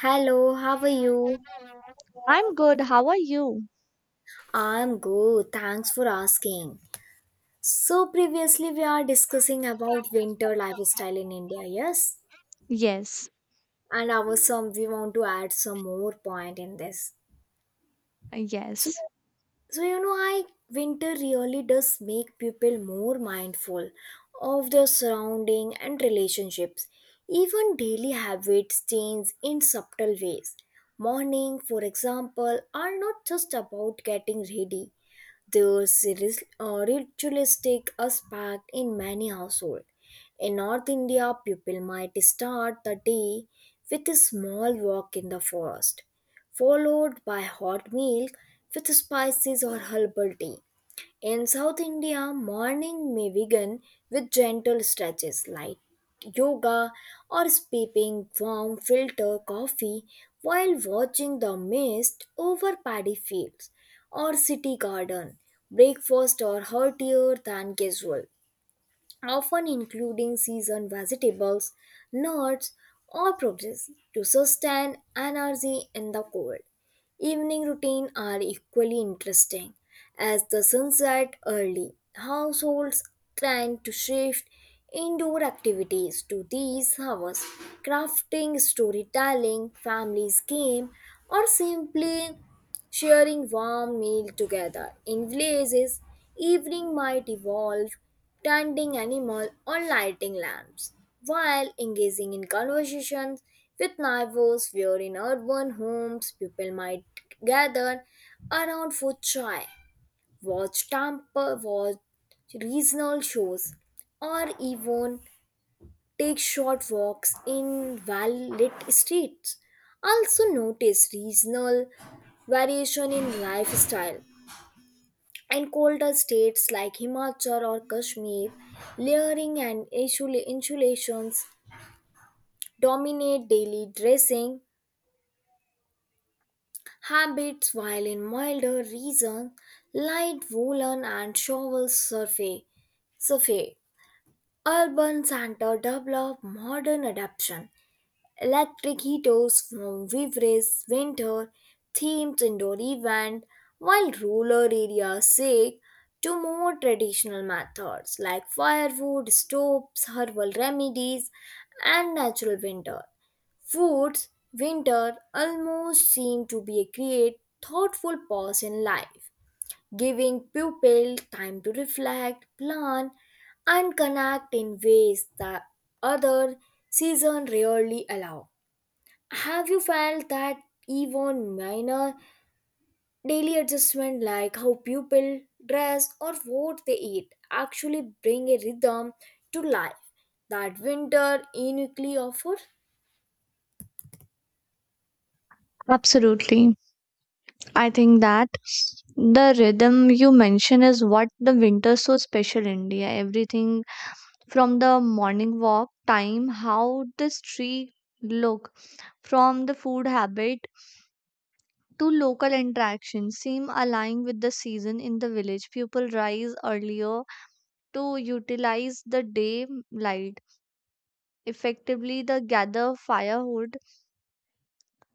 Hello, how are you? I'm good. How are you? I'm good. Thanks for asking. So previously we are discussing about winter lifestyle in India, yes? Yes, And our some we want to add some more point in this. So yes, so you know I Winter really does make people more mindful of their surrounding and relationships. Even daily habits change in subtle ways. Morning, for example, are not just about getting ready. Ritualistic aspect in many households. In North India, people might start the day with a small walk in the forest, followed by hot milk with spices or herbal tea. In South India, morning may begin with gentle stretches like yoga or sipping warm filter coffee while watching the mist over paddy fields or city garden. Breakfast are heartier than usual, often including seasoned vegetables, nuts, or produce to sustain energy in the cold. Evening routine are equally interesting. As the sun set early, households tend to shift indoor activities to these hours. Crafting, storytelling, families game, or simply sharing warm meal together. In villages, evening might evolve tending animal or lighting lamps while engaging in conversations with neighbors where in urban homes people might gather around for chai, watch Tampa, watch regional shows, or even take short walks in well-lit streets. Also notice regional variation in lifestyle. In colder states like Himachal or Kashmir, insulations dominate daily dressing habits while in milder regions light woolen and shawls survey survey. Urban Center developed modern adaptation, electric heaters from Vivres winter themed indoor event, while rural areas seek to more traditional methods like firewood, stoves, herbal remedies, and natural winter foods. Winter almost seem to be a great thoughtful pause in life giving pupil time to reflect, plan, and connect in ways that other season rarely allow. Have you felt that even minor daily adjustment like how pupil dress or what they eat actually bring a rhythm to life that winter uniquely offers? absolutely. I think that the rhythm you mention is what the winter so special India. Everything from the morning walk time, how the street look, from the food habit to local interactions seem aligning with the season in the village. People rise earlier to utilize the day light. Effectively, the gather firewood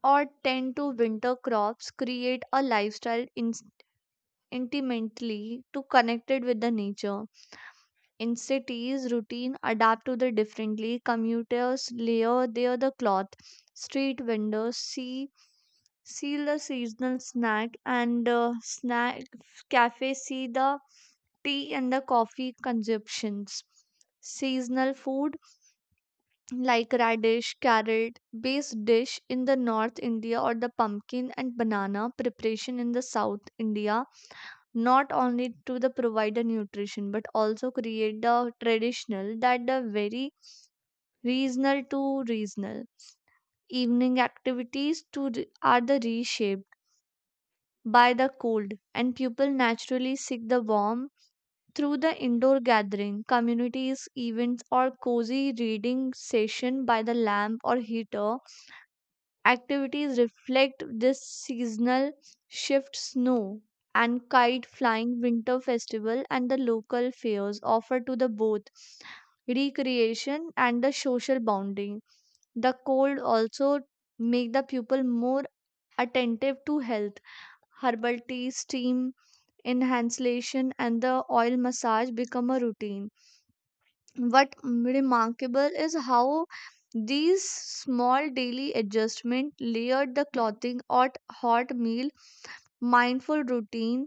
or tend to winter crops create a lifestyle intimately to connected with the nature in cities routine adapt to the differently commuters layer their the cloth street vendors see seal the seasonal snack and snack cafe see the tea and the coffee consumptions seasonal food like radish, carrot based dish in the North India or the pumpkin and banana preparation in the South India, not only to the provide the nutrition but also create the traditional that the very regional to regional. Evening activities are the reshaped by the cold and people naturally seek the warm through the indoor gathering, communities, events or cozy reading session by the lamp or heater activities reflect this seasonal shift snow and kite flying winter festival and the local fairs offer to the both recreation and the social bonding the cold also make the pupil more attentive to health herbal tea steam inhalation and the oil massage become a routine what remarkable is how these small daily adjustment layered the clothing or hot meal mindful routine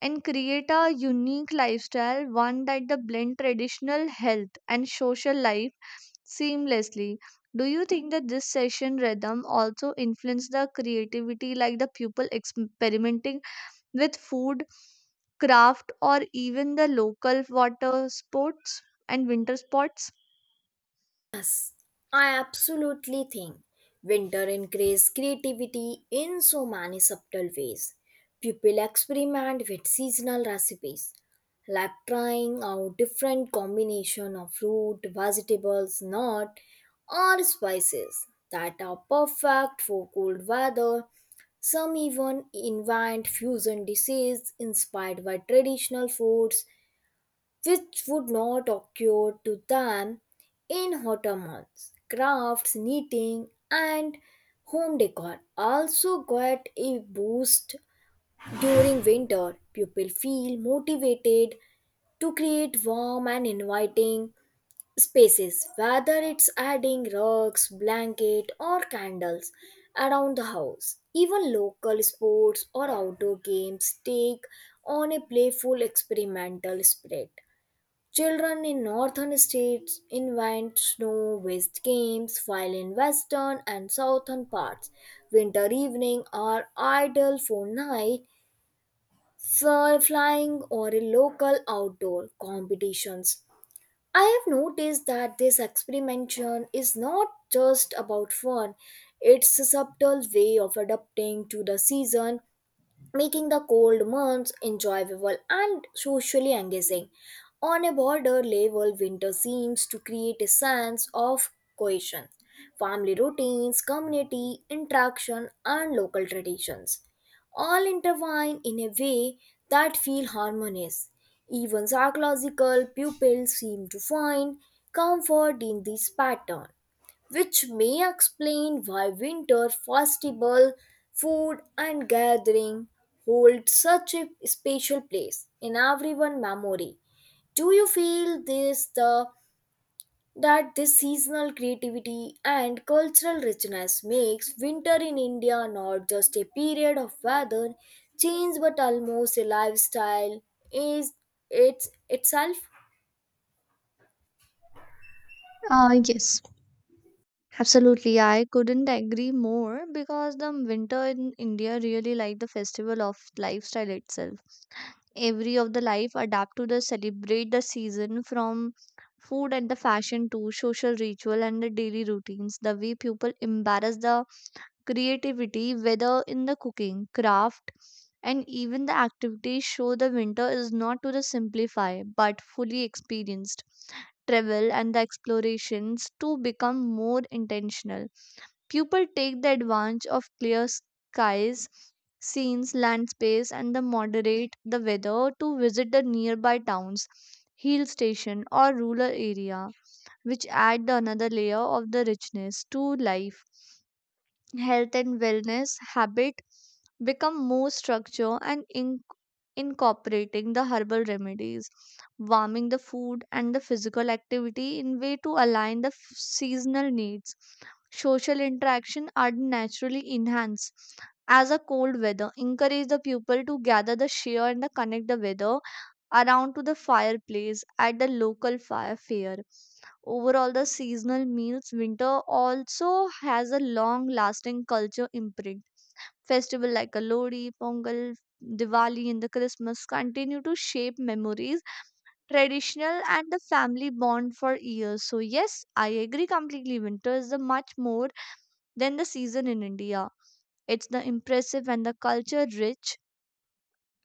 and create a unique lifestyle one that the blend traditional health and social life seamlessly. Do you think that this session rhythm also influenced the creativity like the people experimenting with food craft or even the local water sports and winter sports? I absolutely think winter increases creativity in so many subtle ways. People experiment with seasonal recipes, like trying out different combination of fruit, vegetables, nut, or spices that are perfect for cold weather. Some even invent fusion dishes inspired by traditional foods which would not occur to them in hotter months. Crafts, knitting, and home decor also get a boost during winter. People feel motivated to create warm and inviting spaces, whether it's adding rugs, blanket, or candles around the house. Even local sports or outdoor games take on a playful experimental spirit. Children in northern states invent snow-based games, while in western and southern parts, winter evening are ideal for flying or a local outdoor competitions. I have noticed that this experimentation is not just about fun; it's a subtle way of adapting to the season making the cold months enjoyable and socially engaging. On a border level, winter seems to create a sense of cohesion, family routines, community interaction, and local traditions all intertwine in a way that feel harmonious. Even psychological pupils seem to find comfort in this pattern which may explain why winter festival, food, and gathering hold such a special place in everyone's memory. Do you feel this the that this seasonal creativity and cultural richness makes winter in India not just a period of weather change but almost a lifestyle is it's itself? Yes, absolutely. I couldn't agree more because the winter in India really like the festival of lifestyle itself. Every of the life adapt to the celebrate the season from food and the fashion to social ritual and the daily routines. The way people embrace the creativity, whether in the cooking, craft, and even the activities, show the winter is not to the simplify but fully experienced. Travel and the explorations to become more intentional. People take the advantage of clear skies, scenes, land space, and the moderate the weather to visit the nearby towns, hill station, or rural area, which add the another layer of the richness to life health and wellness habit become more structure and incorporating the herbal remedies warming the food and the physical activity in way to align the seasonal needs social interaction are naturally enhanced as a cold weather encourage the people to gather the share and the connect the weather around to the fireplace at the local fire fair. Overall, the seasonal meals winter also has a long lasting culture imprint. Festival like Lodi, Pongal, Diwali, and the Christmas continue to shape memories, traditional, and the family bond for years. So, yes, I agree completely. Winter is the much more than the season in India. It's the impressive and the culture rich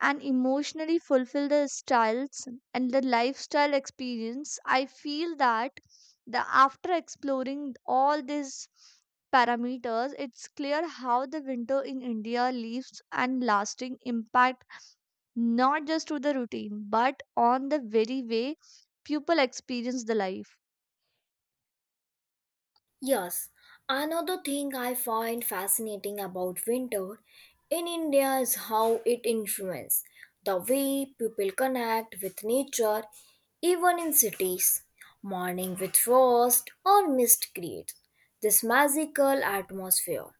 and emotionally fulfill the styles and the lifestyle experience. I feel that the after exploring all these parameters it's clear how the winter in India leaves and lasting impact not just to the routine but on the very way people experience the life. Yes, another thing I find fascinating about winter in India is how it influences the way people connect with nature, even in cities. Morning with frost or mist creates this magical atmosphere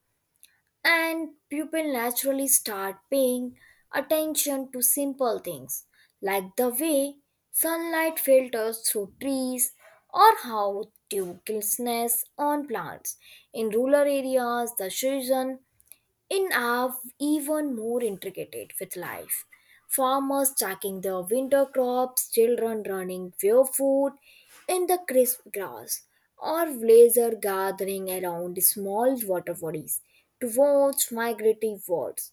and people naturally start paying attention to simple things like the way sunlight filters through trees or how dew glistens on plants. In rural areas, the season in are even more intricate with life. Farmers checking their winter crops, children running for food in the crisp grass, or laser gathering around small water bodies to watch migratory birds.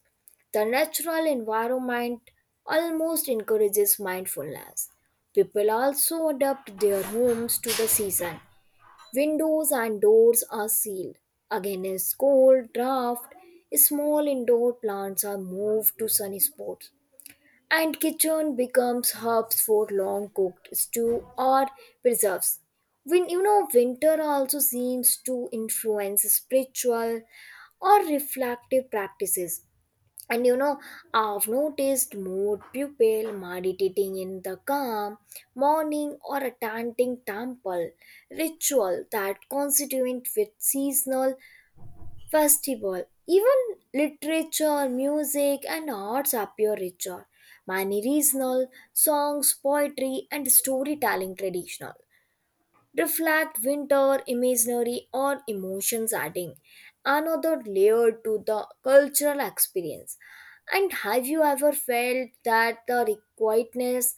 The natural environment almost encourages mindfulness. People also adapt their homes to the season. Windows and doors are sealed against cold draft. Small indoor plants are moved to sunny spots, and kitchen becomes hubs for long cooked stew or preserves. When you know Winter also seems to influence spiritual or reflective practices, and I've noticed more people meditating in the calm morning or attending temple ritual that constituent with seasonal festival. Even literature, music, and arts appear richer. Many regional songs, poetry, and storytelling traditional reflect winter imaginary or emotions, adding another layer to the cultural experience. And have you ever felt that the quietness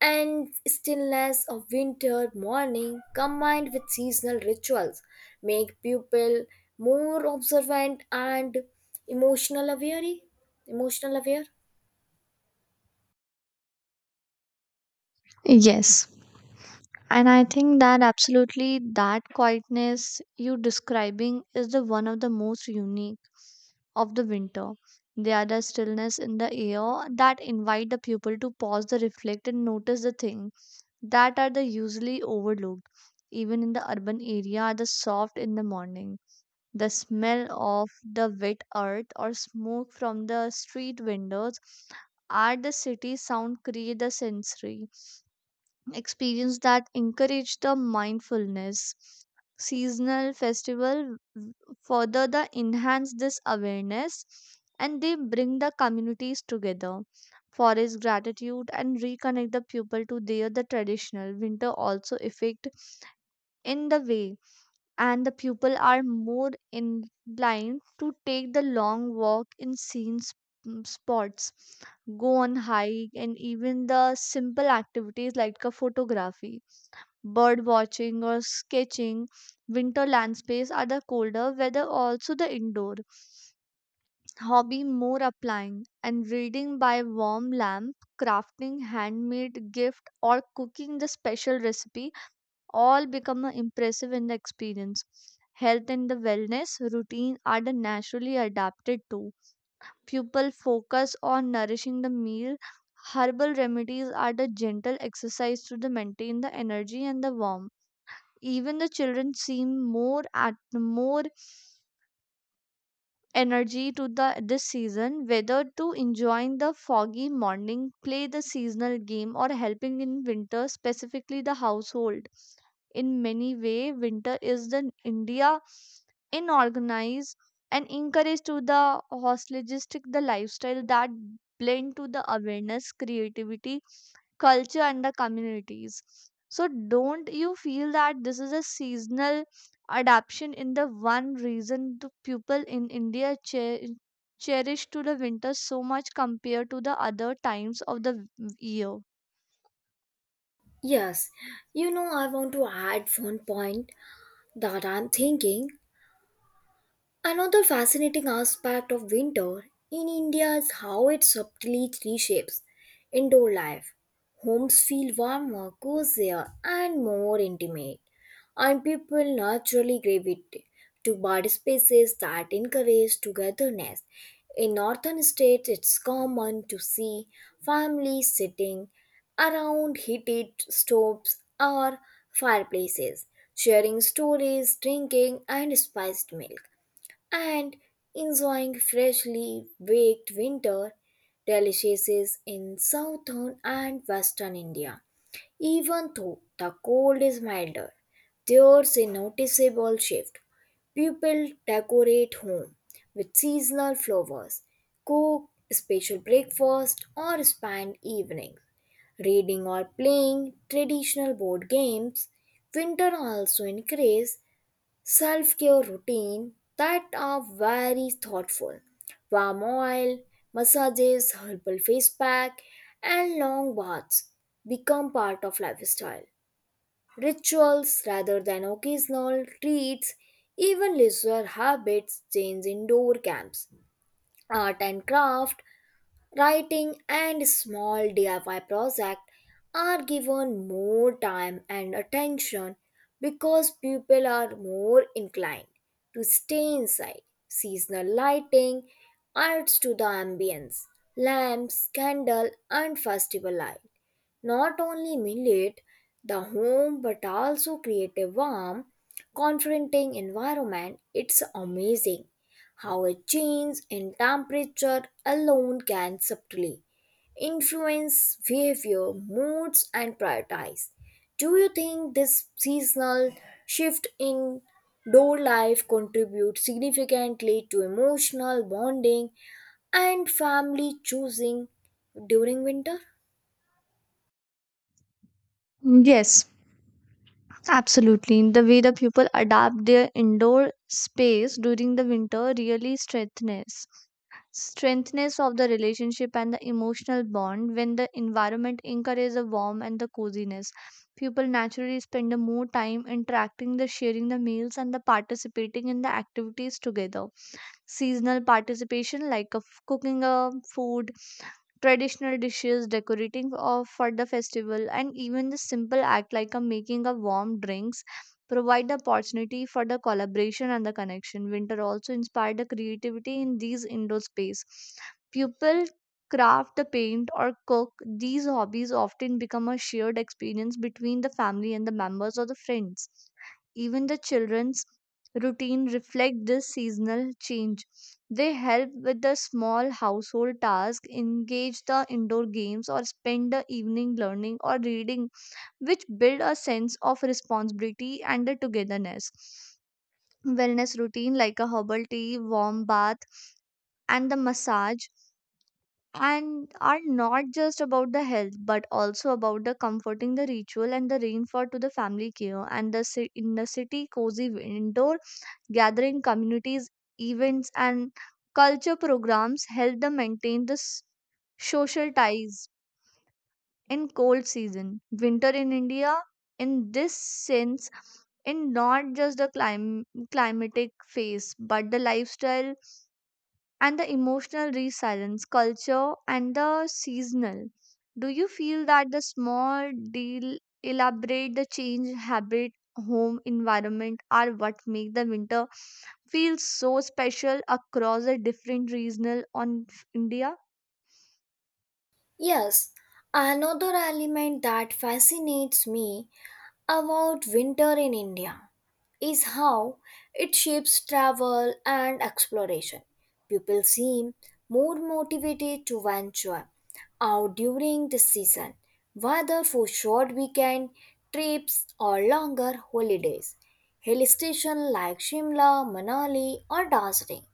and stillness of winter morning combined with seasonal rituals make people more observant and emotional aware? Emotional aware? Yes. And I think that absolutely that quietness you describing is the one of the most unique of the winter. There are the stillness in the air that invite the pupil to pause the reflect and notice the things that are the usually overlooked. Even in the urban area the soft in the morning. The smell of the wet earth or smoke from the street windows are the city sound create the sensory experience that encourage the mindfulness. Seasonal festival further the enhance this awareness and they bring the communities together. Forest gratitude and reconnect the people to their the traditional winter also effect in the way and the people are more inclined to take the long walk in spots go on hike and even the simple activities like a photography, bird watching or sketching. Winter landscapes are the colder weather, also the indoor. Hobby more applying and reading by warm lamp, crafting handmade gift, or cooking the special recipe all become impressive in the experience. Health and the wellness routine are the naturally adapted to. Pupil focus on nourishing the meal. Herbal remedies are the gentle exercise to the maintain the energy and the warmth. Even the children seem more at more energy to the this season, whether to enjoying the foggy morning, play the seasonal game, or helping in winter, specifically the household. In many way, winter is the India inorganized and encouraged to the holistic the lifestyle that blend to the awareness, creativity, culture and the communities. So, don't you feel that this is a seasonal adaptation in the one reason the people in India cherish to the winter so much compared to the other times of the year? Yes, you know, I want to add one point that I'm thinking. Another fascinating aspect of winter in India is how it subtly reshapes indoor life. Homes feel warmer, cozier, and more intimate, and people naturally gravitate to body spaces that encourage togetherness. In northern states, it's common to see families sitting around heated stoves or fireplaces, sharing stories, drinking, and spiced milk and enjoying freshly baked winter deliciacies in southern and western India. Even though the cold is milder, there's a noticeable shift. People decorate home with seasonal flowers, cook special breakfast, or spend evenings reading or playing traditional board games. Winter also increases self care routine that are very thoughtful. Warm oil, massages, herbal face pack, and long baths become part of lifestyle. Rituals rather than occasional treats, even leisure habits change indoor camps. Art and craft. Writing and small DIY projects are given more time and attention because people are more inclined to stay inside. Seasonal lighting adds to the ambience. Lamps, candle, and festival light not only millet the home but also create a warm confronting environment. It's amazing how a change in temperature alone can subtly influence behavior, moods, and prioritize. Do you think this seasonal shift in door life contributes significantly to emotional bonding and family choosing during winter? Yes, absolutely. The way the people adapt their indoor space during the winter really strengthens strengthness of the relationship and the emotional bond when the environment encourages the warmth and the coziness people naturally spend the more time interacting the sharing the meals and the participating in the activities together seasonal participation like of cooking a food traditional dishes, decorating of, for the festival, and even the simple act like a making of warm drinks provide the opportunity for the collaboration and the connection. Winter also inspired the creativity in these indoor space. People craft the paint or cook these hobbies often become a shared experience between the family and the members or the friends even the children's routine reflect this seasonal change. They help with the small household tasks, engage the indoor games, or spend the evening learning or reading, which build a sense of responsibility and the togetherness. Wellness routine like a herbal tea, warm bath, and the massage and are not just about the health but also about the comforting the ritual and the rainfall to the family care and the in the city cozy indoor gathering communities, events, and culture programs help them maintain this social ties in cold season. Winter in India, in this sense, in not just the climatic phase but the lifestyle and the emotional resilience, culture, and the seasonal. Do you feel that the small deal elaborate the change habit, home environment are what make the winter feel so special across the different regional on India? Yes, another element that fascinates me about winter in India is how it shapes travel and exploration. People seem more motivated to venture out during the season, whether for short weekend trips or longer holidays. Hill stations like Shimla, Manali, or Darjeeling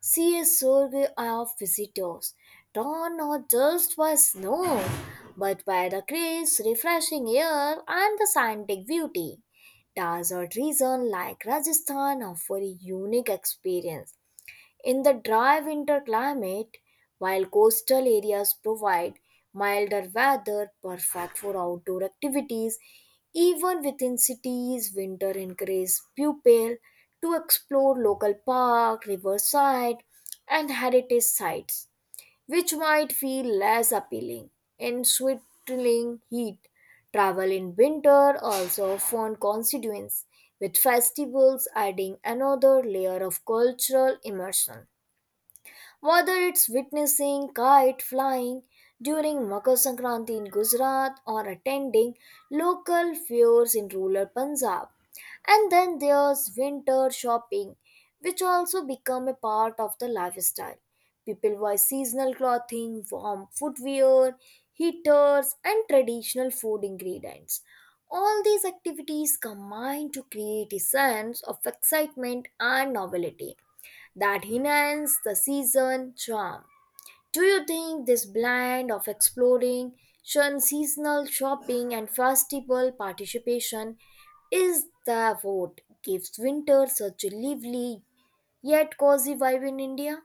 see a surge of visitors, drawn not just by snow, but by the crisp, refreshing air and the scenic beauty. Desert regions like Rajasthan offer a unique experience in the dry winter climate, while coastal areas provide milder weather perfect for outdoor activities. Even within cities, winter encourages pupils to explore local park, riverside, and heritage sites, which might feel less appealing in sweltering heat. Travel in winter also often constituents with festivals adding another layer of cultural immersion. Whether it's witnessing kite flying during Makar Sankranti in Gujarat or attending local fairs in rural Punjab. And then there's winter shopping, which also become a part of the lifestyle. People buy seasonal clothing, warm footwear, heaters, and traditional food ingredients. All these activities combine to create a sense of excitement and novelty that enhance the season charm. Do you think this blend of exploring seasonal shopping and festival participation is the what gives winter such a lively yet cozy vibe in India?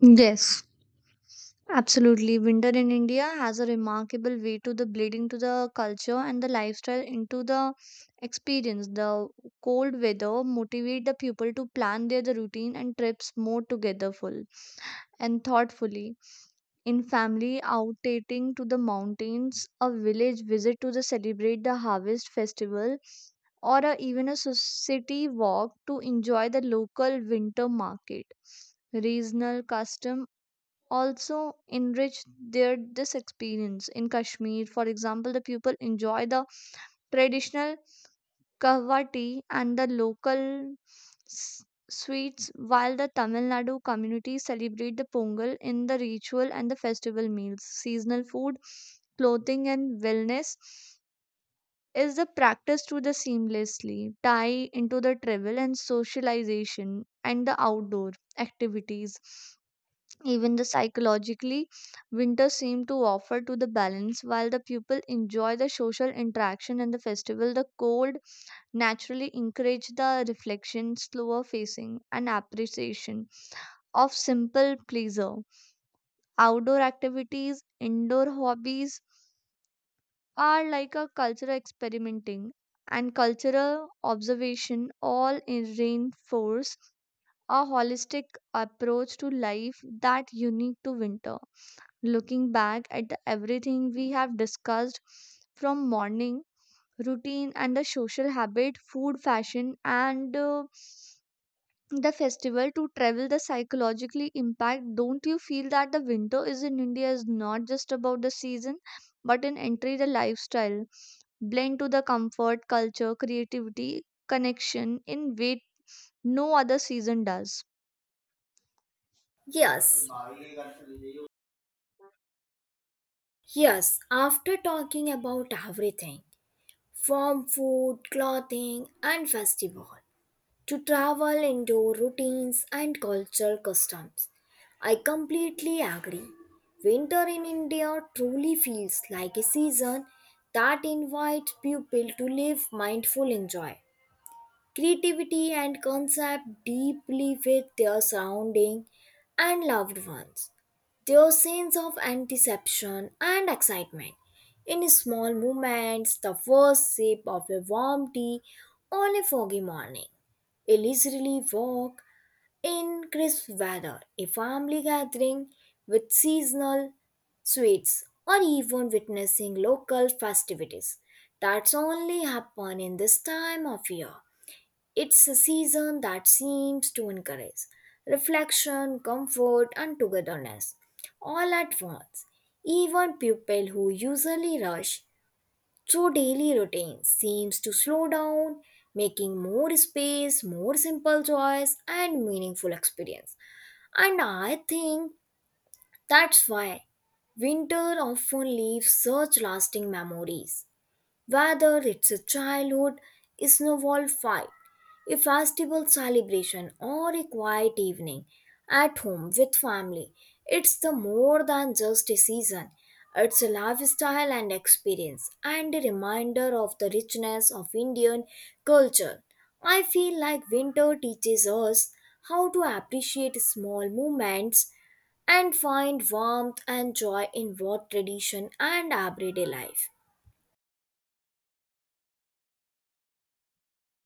Yes, absolutely. Winter in India has a remarkable way to the bleeding to the culture and the lifestyle into the experience. The cold weather motivate the people to plan their the routine and trips more togetherful and thoughtfully. In family outdating to the mountains, a village visit to the celebrate the harvest festival or a, even a city walk to enjoy the local winter market regional custom also enrich their this experience in Kashmir for example the people enjoy the traditional kahwa tea and the local s- sweets while the Tamil Nadu community celebrate the Pongal in the ritual and the festival meals seasonal food clothing and wellness is the practice to the seamlessly tie into the travel and socialization and the outdoor activities. Even the psychologically, winter seemed to offer to the balance while the people enjoy the social interaction and the festival. The cold naturally encourage the reflection, slower facing, and appreciation of simple pleasure. Outdoor activities, indoor hobbies are like a cultural experimenting and cultural observation all in reinforce a holistic approach to life that unique to winter. Looking back at the everything we have discussed from morning routine and the social habit, food, fashion, and the festival to travel the psychologically impact, don't you feel that the winter is in India is not just about the season but an entry the lifestyle blend to the comfort culture creativity connection in way no other season does? Yes, yes, after talking about everything from food, clothing, and festival to travel into routines and cultural customs. I completely agree. Winter in India truly feels like a season that invites people to live mindful and joy, creativity and concept deeply with their surrounding and loved ones. Their sense of anticipation and excitement. In small moments, the first sip of a warm tea on a foggy morning, a leisurely walk in crisp weather, a family gathering with seasonal sweets, or even witnessing local festivities. That's only happen in this time of year. It's a season that seems to encourage reflection, comfort, and togetherness all at once. Even people who usually rush through daily routines seems to slow down, making more space, more simple joys, and meaningful experience. And I think that's why winter often leaves such lasting memories, whether it's a childhood snowball fight, a festival celebration, or a quiet evening at home with family. It's the more than just a season. It's a lifestyle and experience, and a reminder of the richness of Indian culture. I feel like winter teaches us how to appreciate small moments and find warmth and joy in both tradition and everyday life.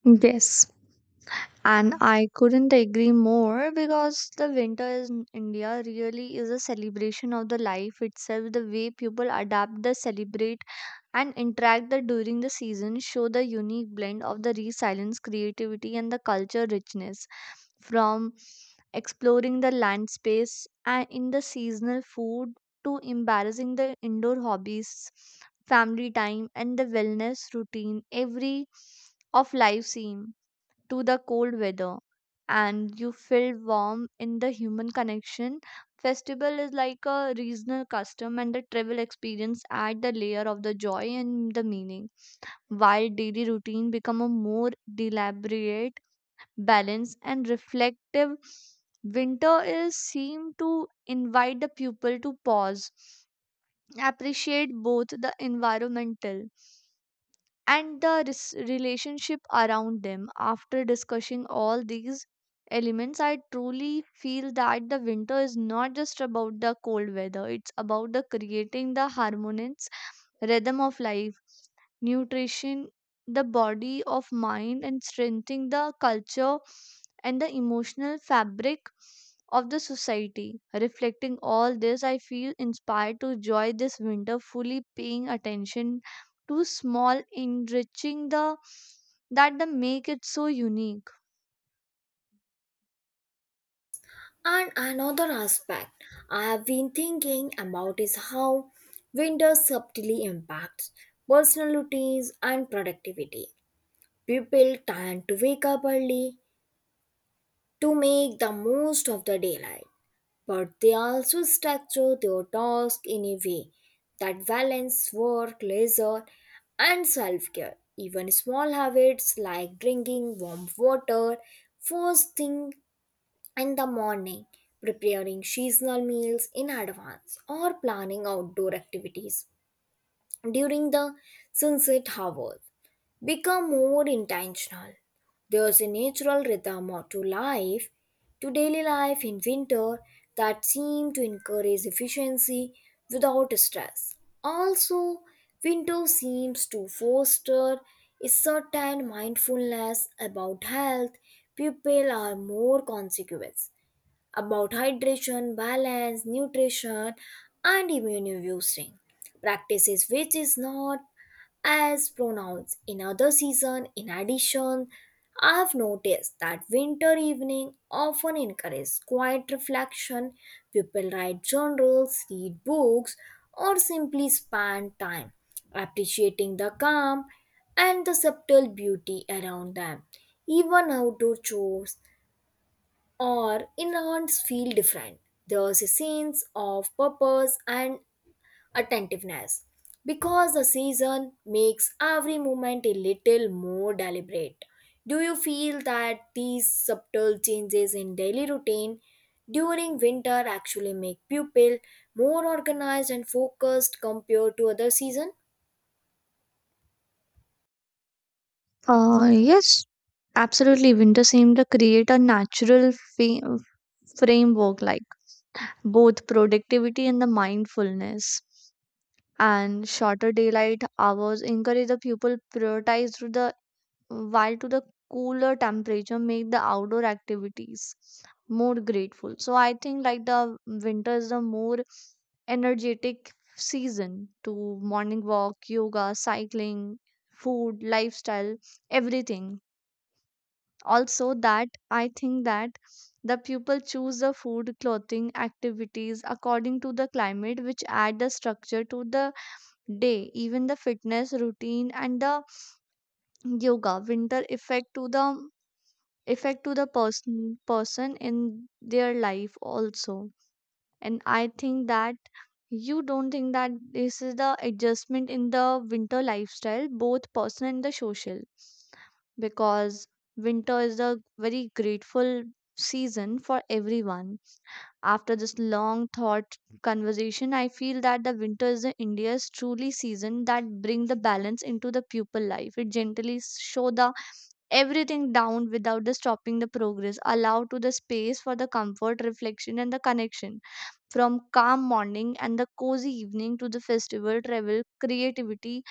Yes. And I couldn't agree more because the winter in India really is a celebration of the life itself. The way people adapt, the celebrate, and interact the during the season show the unique blend of the resilience, creativity, and the culture richness. From exploring the land space and in the seasonal food to embarrassing the indoor hobbies, family time, and the wellness routine, every of life scene to the cold weather and you feel warm in the human connection. Festival is like a regional custom and the travel experience add the layer of the joy and the meaning, while daily routine become a more deliberate, balanced and reflective. Winter is seem to invite the pupil to pause, appreciate both the environmental and the relationship around them. After discussing all these elements, I truly feel that the winter is not just about the cold weather, it's about the creating the harmonious rhythm of life, nutrition, the body of mind, and strengthening the culture and the emotional fabric of the society. Reflecting all this, I feel inspired to enjoy this winter fully paying attention too small enriching the that the make it so unique. And another aspect I have been thinking about is how winter subtly impacts personal routines and productivity. People tend to wake up early to make the most of the daylight, but they also structure their tasks in a way that balance work, leisure, and self care. Even small habits like drinking warm water first thing in the morning, preparing seasonal meals in advance, or planning outdoor activities during the sunset hours. Become more intentional. There's a natural to life, to daily life in winter, that seem to encourage efficiency without stress. Also, winter seems to foster a certain mindfulness about health. People are more conscious about hydration, balance, nutrition, and immune boosting practices, which is not as pronounced in other season. In addition, I've noticed that winter evening often encourage quiet reflection. People write journals, read books, or simply spend time appreciating the calm and the subtle beauty around them. Even outdoor chores or inroads feel different. There's a sense of purpose and attentiveness because the season makes every moment a little more deliberate. Do you feel that these subtle changes in daily routine during winter actually make pupil more organized and focused compared to other season? Uh, yes, absolutely. Winter seemed to create a natural fa- framework like both productivity and the mindfulness. And shorter daylight hours encourage the pupil prioritize through the while to the cooler temperature make the outdoor activities more grateful. So I think like the winter is the more energetic season to morning walk, yoga, cycling, food, lifestyle, everything. Also, that I think that the people choose the food, clothing, activities according to the climate, which add the structure to the day, even the fitness routine and the yoga winter effect to the person in their life also. And I think that you don't think that this is the adjustment in the winter lifestyle both personal and the social because winter is a very grateful season for everyone. After this long thought conversation I feel that the winter is the India's truly season that bring the balance into the pupil life. It gently show the everything down without the stopping the progress allow to the space for the comfort reflection and the connection from calm morning and the cozy evening to the festival travel creativity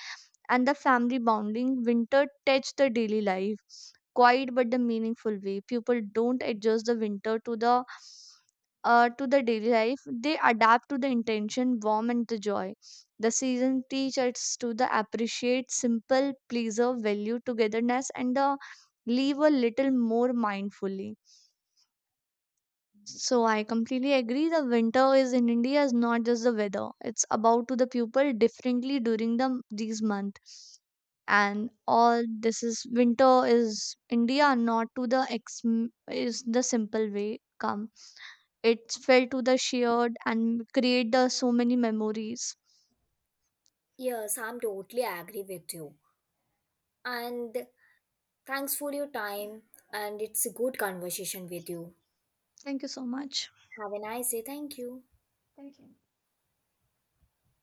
and the family bonding winter touch the daily life quiet but the meaningful way. People don't adjust the winter to the daily life. They adapt to the intention, warm and the joy. The season teach us to the appreciate simple pleasure, value togetherness, and the live a little more mindfully. So I completely agree the winter is in India is not just the weather. It's about to the people differently during the these month. And all this is winter is India not to the ex is the simple way come. It's fell to the shared and create the so many memories. Yes, I'm totally agree with you. And thanks for your time and it's a good conversation with you. Thank you so much. Have a nice day. Thank you. Thank you.